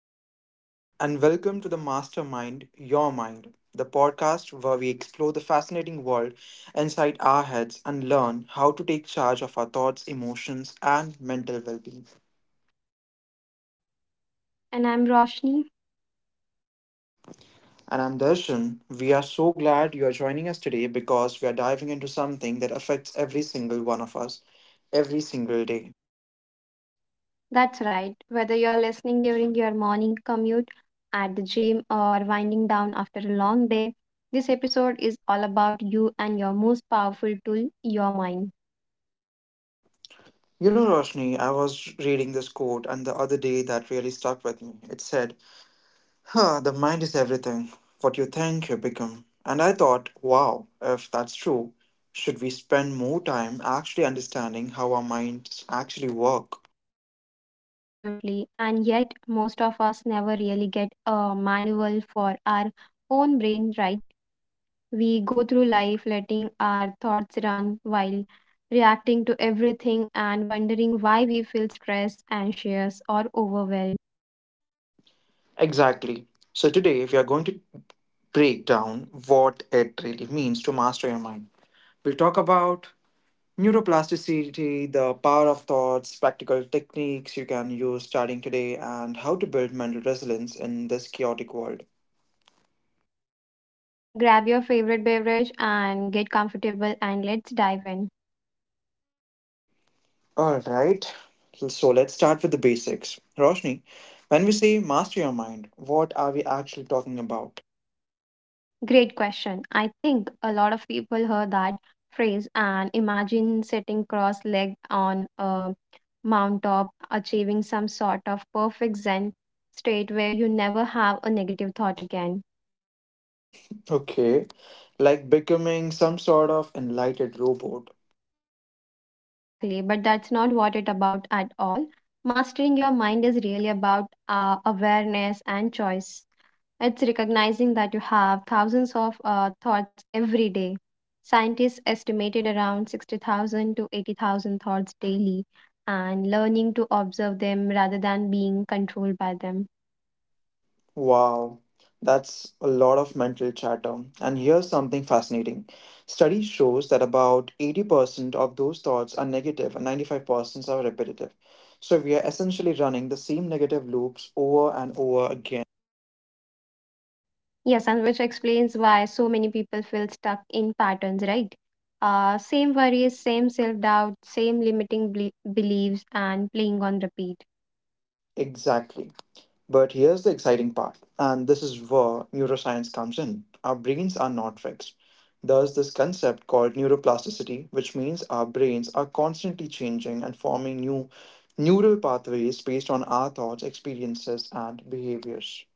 Hello, everyone, and welcome to the Mastermind Your Mind, the podcast where we explore the fascinating world inside our heads and learn how to take charge of our thoughts, emotions, and mental well being. And I'm Roshni. And I'm Darshan. We are so glad you are joining us today because we are diving into something that affects every single one of us every single day. That's right. Whether you're listening during your morning commute, at the gym, or winding down after a long day, this episode is all about you and your most powerful tool, your mind. You know, Roshni, I was reading this quote and the other day that really stuck with me. It said, the mind is everything. What you think, you become. And I thought, wow, if that's true, should we spend more time actually understanding how our minds actually work? Absolutely. And yet, most of us never really get a manual for our own brain, right? We go through life letting our thoughts run while reacting to everything and wondering why we feel stressed, anxious, or overwhelmed. Exactly. So today, we are going to break down what it really means to master your mind. We'll talk about neuroplasticity, the power of thoughts, practical techniques you can use starting today, and how to build mental resilience in this chaotic world. So, grab your favorite beverage and get comfortable and let's dive in. All right. So let's start with the basics. Roshni, when we say master your mind, what are we actually talking about? Great question. I think a lot of people heard that phrase and imagine sitting cross legged on a mountaintop, achieving some sort of perfect Zen state where you never have a negative thought again. Okay. Like becoming some sort of enlightened robot. Exactly, but that's not what it's about at all. Mastering your mind is really about awareness and choice. It's recognizing that you have thousands of thoughts every day. Scientists estimated around 60,000 to 80,000 thoughts daily and learning to observe them rather than being controlled by them. Wow. That's a lot of mental chatter. And here's something fascinating. Study shows that about 80% of those thoughts are negative and 95% are repetitive. So we are essentially running the same negative loops over and over again. Yes, and which explains why so many people feel stuck in patterns, right? Same worries, same self doubt, same limiting beliefs, and playing on repeat. Exactly. But here's the exciting part, and this is where neuroscience comes in. Our brains are not fixed. There's this concept called neuroplasticity, which means our brains are constantly changing and forming new neural pathways based on our thoughts, experiences, and behaviors.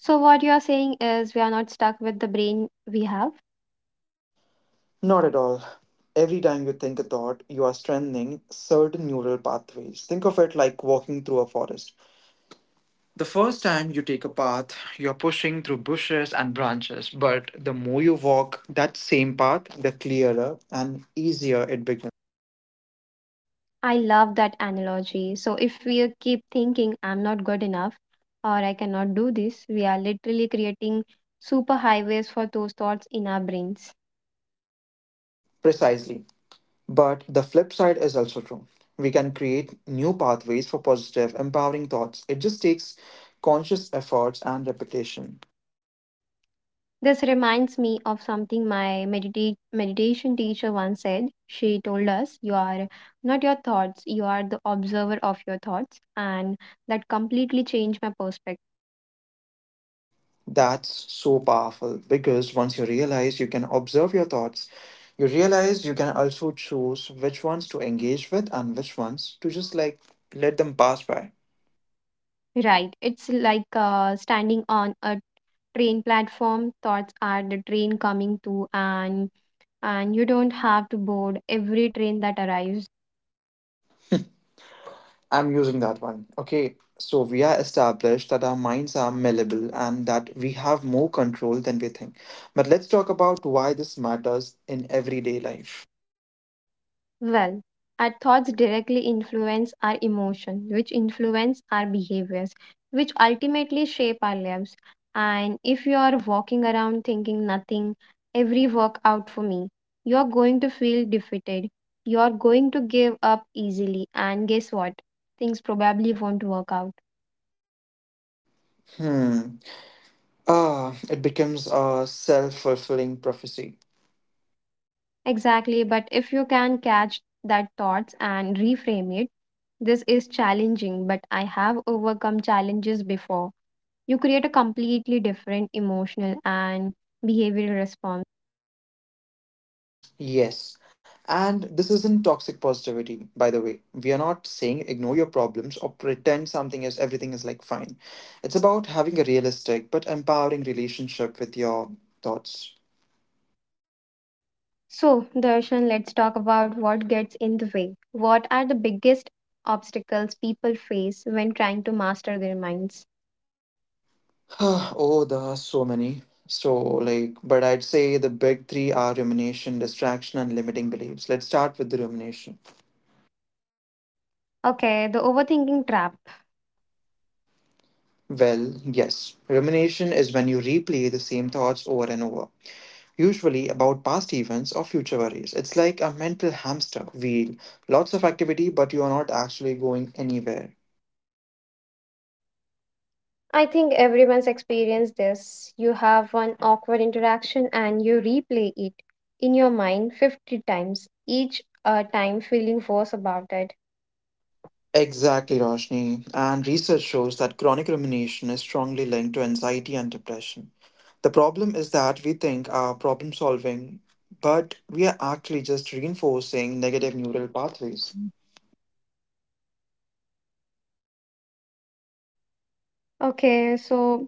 So, what you are saying is we are not stuck with the brain we have, Not at all. Every time you think a thought, you are strengthening certain neural pathways. Think of it like walking through a forest. The first time you take a path, you're pushing through bushes and branches, but the more you walk that same path, the clearer and easier it becomes. I love that analogy. So, if we keep thinking, I'm not good enough or I cannot do this, we are literally creating super highways for those thoughts in our brains. Precisely. But the flip side is also true. We can create new pathways for positive, empowering thoughts. It just takes conscious efforts and repetition. This reminds me of something my meditation teacher once said. She told us, you are not your thoughts, you are the observer of your thoughts. And that completely changed my perspective. That's so powerful because once you realize you can observe your thoughts, you realize you can also choose which ones to engage with and which ones to just like let them pass by. Right. It's like standing on a train platform, thoughts are the train coming to, and you don't have to board every train that arrives. I'm using that one. Okay, so we are established that our minds are malleable and that we have more control than we think. But let's talk about why this matters in everyday life. Well, our thoughts directly influence our emotion, which influence our behaviors, which ultimately shape our lives. And if you are walking around thinking nothing, every workout for me, you're going to feel defeated. You're going to give up easily, and guess what? Things probably won't work out. Hmm. Ah, it becomes a self fulfilling prophecy. Exactly, but if you can catch that thoughts and reframe it, this is challenging, but I have overcome challenges before. You create a completely different emotional and behavioral response. Yes. And this isn't toxic positivity, by the way. We are not saying ignore your problems or pretend something is everything is like fine. It's about having a realistic but empowering relationship with your thoughts. So, Darshan, let's talk about what gets in the way. What are the biggest obstacles people face when trying to master their minds? Oh, there are so many. So, like, but I'd say the big three are rumination, distraction, and limiting beliefs. Let's start with the rumination. Okay, the overthinking trap. Well, yes, rumination is when you replay the same thoughts over and over, usually about past events or future worries. It's like a mental hamster wheel, lots of activity, but you are not actually going anywhere. I think everyone's experienced this. You have one awkward interaction and you replay it in your mind 50 times, each time feeling worse about it. Exactly, Roshni. And research shows that chronic rumination is strongly linked to anxiety and depression. The problem is that we think our problem solving, but we are actually just reinforcing negative neural pathways. Okay, so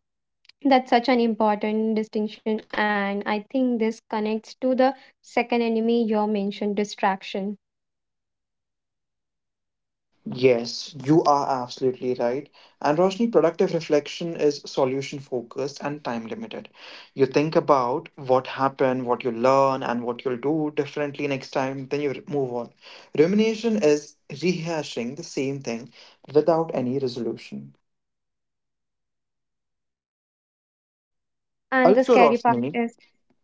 that's such an important distinction, and I think this connects to the second enemy you mentioned, distraction. Yes, you are absolutely right. And Roshni, productive reflection is solution focused and time limited. You think about what happened, what you learn, and what you'll do differently next time, then you move on. Rumination is rehashing the same thing without any resolution. And the Also, scary part Roshni, is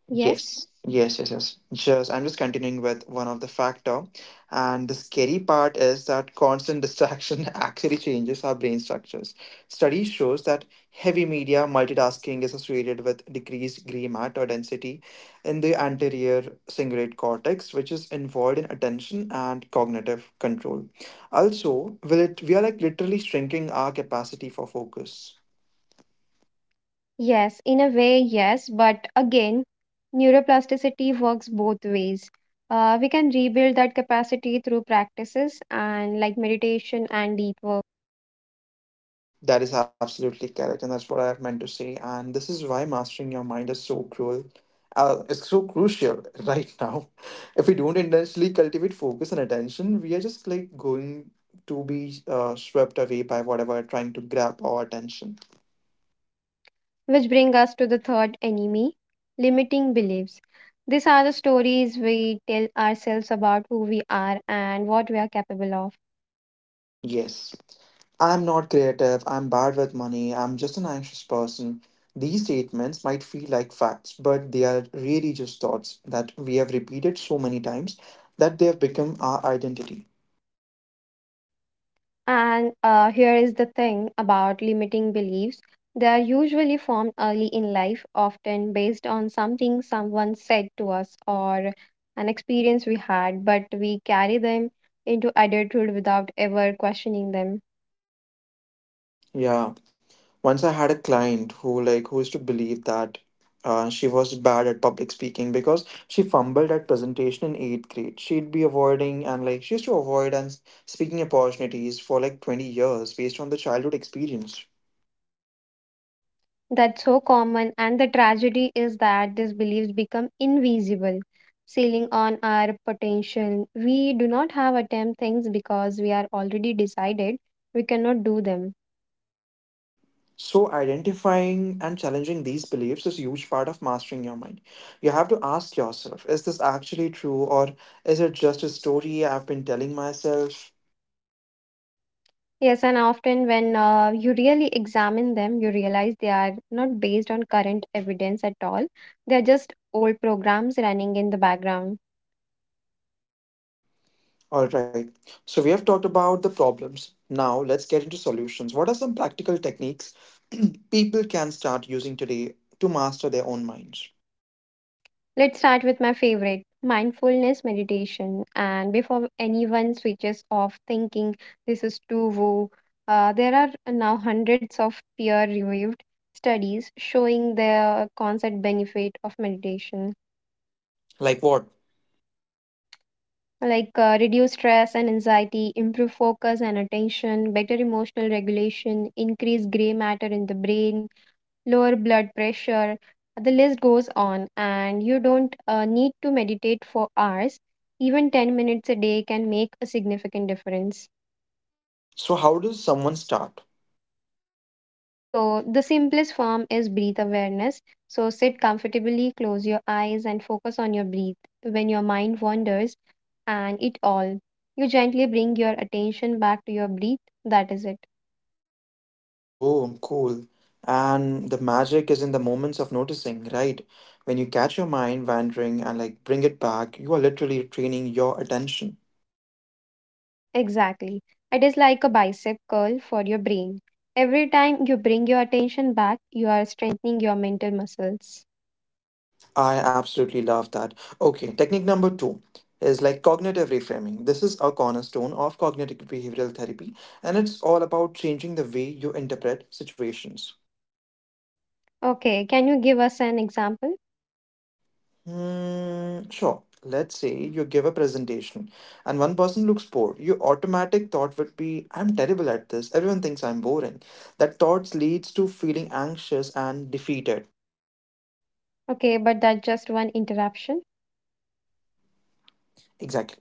yes, yes. I'm just continuing with one of the factor, and the scary part is that constant distraction actually changes our brain structures. Study shows that heavy media multitasking is associated with decreased gray matter density in the anterior cingulate cortex, which is involved in attention and cognitive control. Also, will it we are like literally shrinking our capacity for focus. yes, in a way, yes, but again, neuroplasticity works both ways. We can rebuild that capacity through practices and like meditation and deep work. That is absolutely correct, and that's what I meant to say. And this is why mastering your mind is so cruel. It's so crucial right now. If we don't intentionally cultivate focus and attention, we are just like going to be swept away by whatever trying to grab our attention. Which bring us to the third enemy limiting beliefs, these are the stories we tell ourselves about who we are and what we are capable of. Yes, I'm not creative. I'm bad with money. I'm just an anxious person. These statements might feel like facts, but they are really just thoughts that we have repeated so many times that they have become our identity. And here is the thing about limiting beliefs, they are usually formed early in life often based on something someone said to us or an experience we had, but we carry them into adulthood without ever questioning them. Yeah. Once I had a client who used to believe that she was bad at public speaking because she fumbled at presentation in eighth grade. She'd be avoiding and like she used to avoid and speaking opportunities for like 20 years based on the childhood experience. That's so common, and the tragedy is that these beliefs become invisible, sealing on our potential. We do not have attempt things because we are already decided we cannot do them. So identifying and challenging these beliefs is a huge part of mastering your mind. You have to ask yourself, is this actually true or is it just a story I've been telling myself? Yes, and often when you really examine them, you realize they are not based on current evidence at all. They are just old programs running in the background. All right. So we have talked about the problems. Now let's get into solutions. What are some practical techniques people can start using today to master their own minds? Let's start with my favorite mindfulness meditation. And before anyone switches off thinking this is too woo, there are now hundreds of peer reviewed studies showing the concept benefit of meditation Like what? like reduce stress and anxiety, improve focus and attention, better emotional regulation, increase gray matter in the brain, lower blood pressure. The list goes on, and you don't need to meditate for hours. Even 10 minutes a day can make a significant difference. So how does someone start? So, the simplest form is breath awareness. So, sit comfortably, close your eyes, and focus on your breath. When your mind wanders, and it all, you gently bring your attention back to your breath. That is it. Oh, cool. And the magic is in the moments of noticing, right? When you catch your mind wandering and like bring it back, you are literally training your attention. Exactly. It is like a bicep curl for your brain. Every time you bring your attention back, you are strengthening your mental muscles. I absolutely love that. Okay, technique number two is like cognitive reframing. This is a cornerstone of cognitive behavioral therapy, and it's all about changing the way you interpret situations. Okay, can you give us an example? Hmm, sure. Let's say you give a presentation and one person looks bored. Your automatic thought would be, I'm terrible at this. Everyone thinks I'm boring. That thoughts leads to feeling anxious and defeated. Okay, but that's just one interruption. Exactly.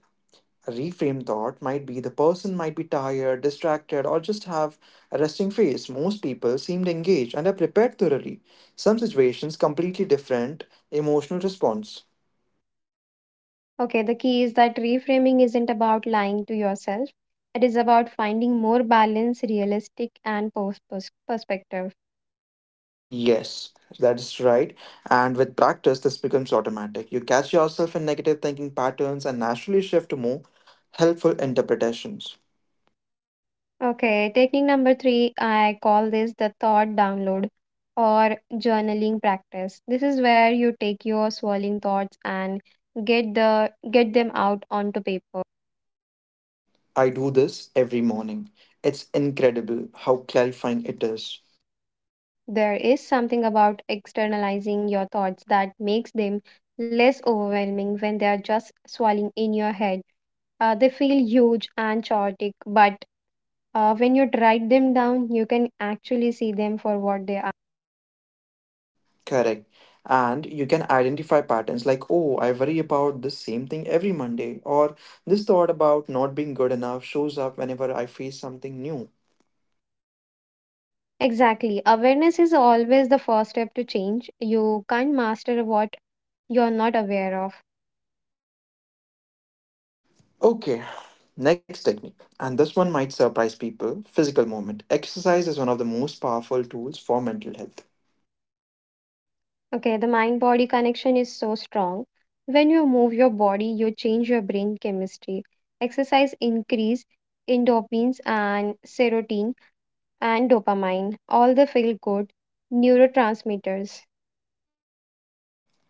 A reframe thought might be the person might be tired, distracted, or just have a resting face. Most people seemed engaged and are prepared thoroughly. Some situations completely different emotional response. Okay, the key is that reframing isn't about lying to yourself, it is about finding more balance, realistic, and perspective. Yes, that is right. And with practice, this becomes automatic. You catch yourself in negative thinking patterns and naturally shift to more helpful interpretations. Okay, technique number three, I call this the thought download or journaling practice. This is where you take your swirling thoughts and get them out onto paper. I do this every morning. It's incredible how clarifying it is. There is something about externalizing your thoughts that makes them less overwhelming when they are just swirling in your head. They feel huge and chaotic, but when you write them down, you can actually see them for what they Correct. And you can identify patterns like, oh, I worry about the same thing every Monday, or this thought about not being good enough shows up whenever I face something new. exactly. Awareness is always the first step to change. You can't master what you're not aware of. Okay, next technique. And this one might surprise people physical movement. Exercise is one of the most powerful tools for mental health. Okay, the mind body connection is so strong. When you move your body, you change your brain chemistry. Exercise increase endorphins and serotonin and dopamine, all the feel good neurotransmitters.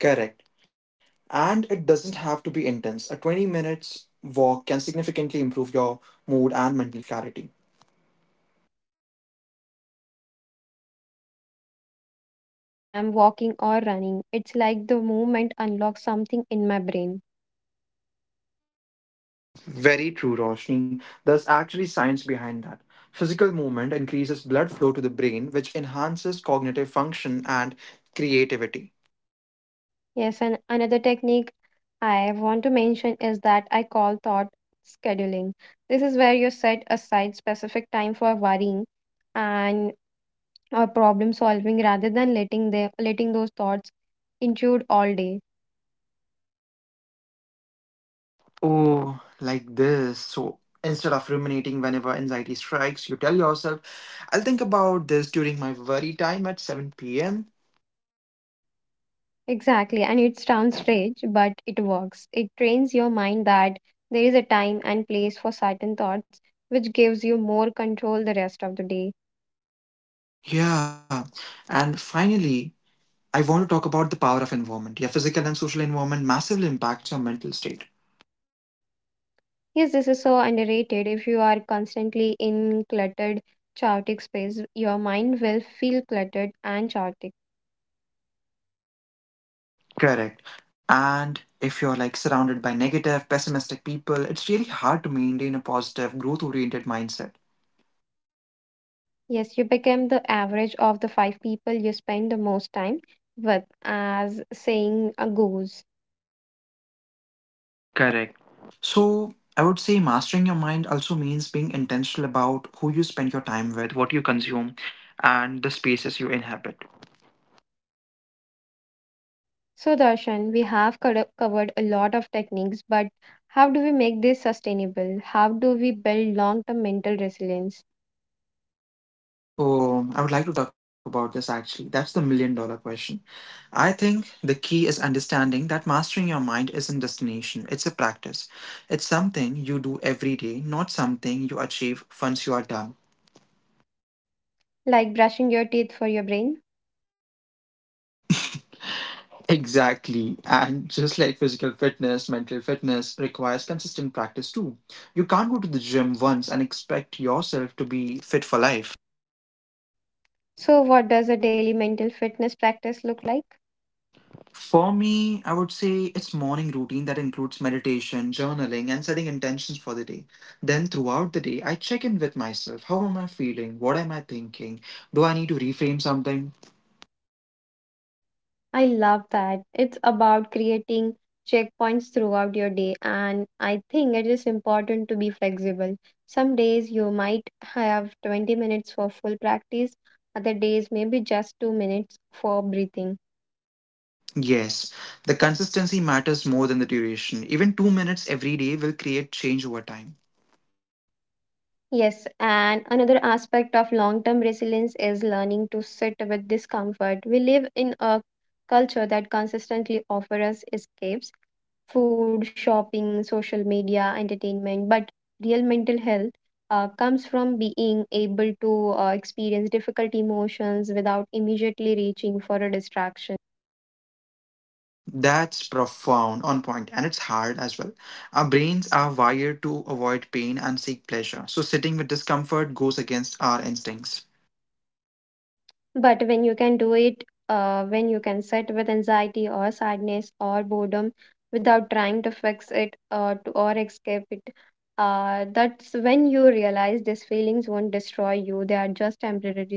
Correct. And it doesn't have to be intense. A 20 minute minutes walk can significantly improve your mood and mental clarity. Yes, I have noticed that some of my best ideas come with when I am walking or running. It's like the movement unlocks something in my brain. Very true, Roshni. There's actually science behind that. Physical movement increases blood flow to the brain, which enhances cognitive function and creativity. Yes, and another technique I want to mention is that I call thought scheduling. This is where you set aside specific time for worrying and or problem solving rather than letting those thoughts intrude all day. Oh, like this. So instead of ruminating whenever anxiety strikes, you tell yourself, I'll think about this during my worry time at 7 p.m. Exactly, and it sounds strange, but it works. It trains your mind that there is a time and place for certain thoughts, which gives you more control the rest of the day. Yeah. And finally, I want to talk about the power of environment. Your physical and social environment massively impacts your mental state. Yes, this is so underrated. If you are constantly in cluttered, chaotic space, your mind will feel cluttered and chaotic. Correct. And if you're like surrounded by negative, pessimistic people, it's really hard to maintain a positive, growth oriented mindset. Yes, you become the average of the 5 people you spend the most time with, as saying a goes. Correct. So, I would say mastering your mind also means being intentional about who you spend your time with, what you consume, and the spaces you inhabit. So, Darshan, we have covered a lot of techniques, but how do we make this sustainable? How do we build long term mental resilience? Oh, I would like to talk about this actually. That's the million-dollar question. I think the key is understanding that mastering your mind isn't destination, it's a practice. It's something you do every day, not something you achieve once you are done. Like brushing your teeth for your brain? Exactly. And just like physical fitness, mental fitness requires consistent practice too. You can't go to the gym once and expect yourself to be fit for life. So, what does a daily mental fitness practice look like? For me, I would say it's morning routine that includes meditation, journaling, and setting intentions for the day. Then throughout the day, I check in with myself. How am I feeling? What am I thinking? Do I need to reframe something? I love that. It's about creating checkpoints throughout your day, and I think it is important to be flexible. Some days you might have 20 minutes for full practice, other days maybe just 2 minutes for breathing. Yes, the consistency matters more than the duration. Even 2 minutes every day will create change over time. Yes, and another aspect of long term resilience is learning to sit with discomfort. We live in a culture that consistently offers us escapes food, shopping, social media, entertainment, but real mental health comes from being able to experience difficult emotions without immediately reaching for a distraction. That's profound, on point, and it's hard as well. Our brains are wired to avoid pain and seek pleasure, so sitting with discomfort goes against our instincts. But when you can do it, when you can sit with anxiety or sadness or boredom without trying to fix it or escape it, that's when you realize these feelings won't destroy you, they are just temporary.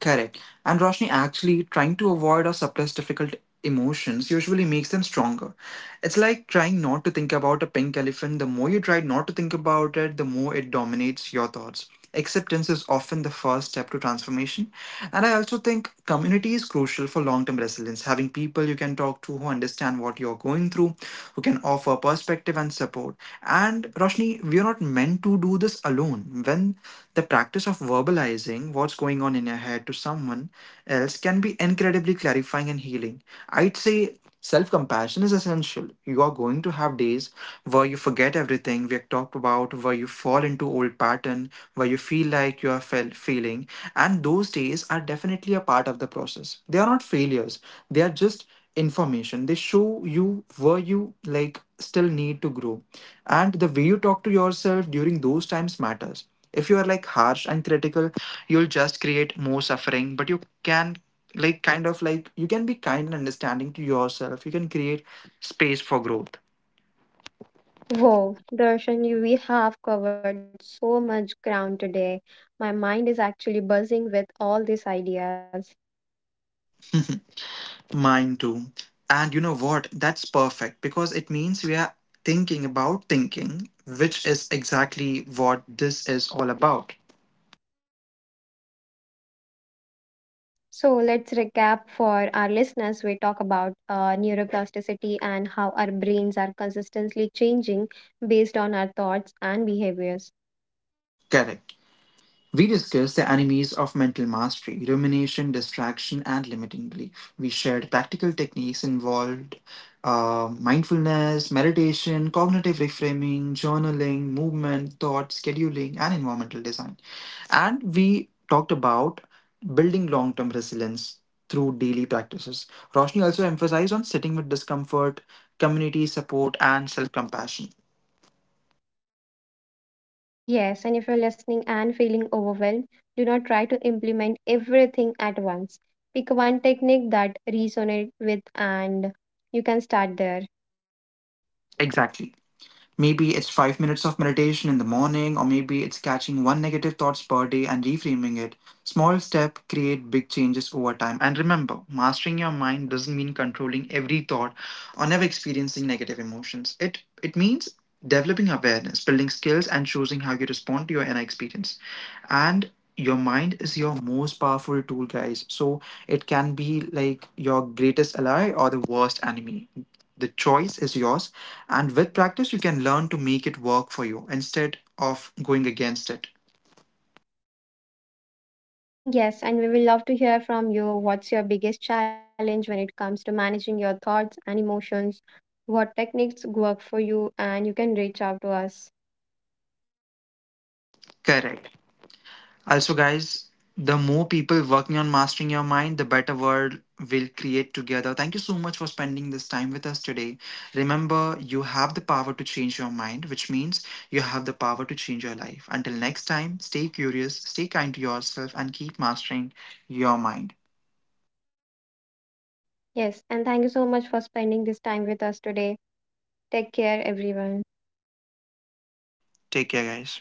Correct. And Roshni, actually, trying to avoid or suppress difficult emotions usually makes them stronger. It's like trying not to think about a pink elephant. The more you try not to think about it, the more it dominates your thoughts. Acceptance is often the first step to transformation. And I also think community is crucial for long term resilience. Having people you can talk to who understand what you're going through, who can offer perspective and support. And Roshni, we are not meant to do this alone. When the practice of verbalizing what's going on in your head to someone else can be incredibly clarifying and healing. I'd say self compassion is essential. You are going to have days where you forget everything we have talked about, where you fall into old pattern, where you feel like you are failing, and those days are definitely a part of the process. They are not failures. They are just information. They show you where you like still need to grow, and the way you talk to yourself during those times matters. If you are like harsh and critical, you'll just create more suffering, but you can you can be kind and understanding to yourself. You can create space for growth. Wow, Darshan, we have covered so much ground today. My mind is actually buzzing with all these ideas. Mine too. And you know what, that's perfect because it means we are thinking about thinking, which is exactly what this is all about. So let's recap for our listeners. We talk about neuroplasticity and how our brains are consistently changing based on our thoughts and behaviors. Correct. We discussed the enemies of mental mastery rumination, distraction, and limiting belief. We shared practical techniques involved mindfulness, meditation, cognitive reframing, journaling, movement, thought, scheduling, and environmental design. And we talked about building long term resilience through daily practices. Roshni also emphasized on sitting with discomfort, community support, and self compassion. Yes, and if you're listening and feeling overwhelmed, do not try to implement everything at once. Pick one technique that resonates with and you can start there. Exactly. Maybe it's 5 minutes of meditation in the morning, or maybe it's catching one negative thoughts per day and reframing it. Small steps create big changes over time. And remember, mastering your mind doesn't mean controlling every thought or never experiencing negative emotions. It means developing awareness, building skills, and choosing how you respond to your inner experience. And your mind is your most powerful tool, guys. So it can be like your greatest ally or the worst enemy. The choice is yours, and with practice, you can learn to make it work for you instead of going against it. Yes, and we will love to hear from you. What's your biggest challenge when it comes to managing your thoughts and emotions? What techniques work for you? And you can reach out to us. Correct. Also, guys, the more people working on mastering your mind, the better world we'll create together. Thank you so much for spending this time with us today. Remember, you have the power to change your mind, which means you have the power to change your life. Until next time, stay curious, stay kind to yourself, and keep mastering your mind. Yes, and thank you so much for spending this time with us today. Take care, everyone. Take care, guys.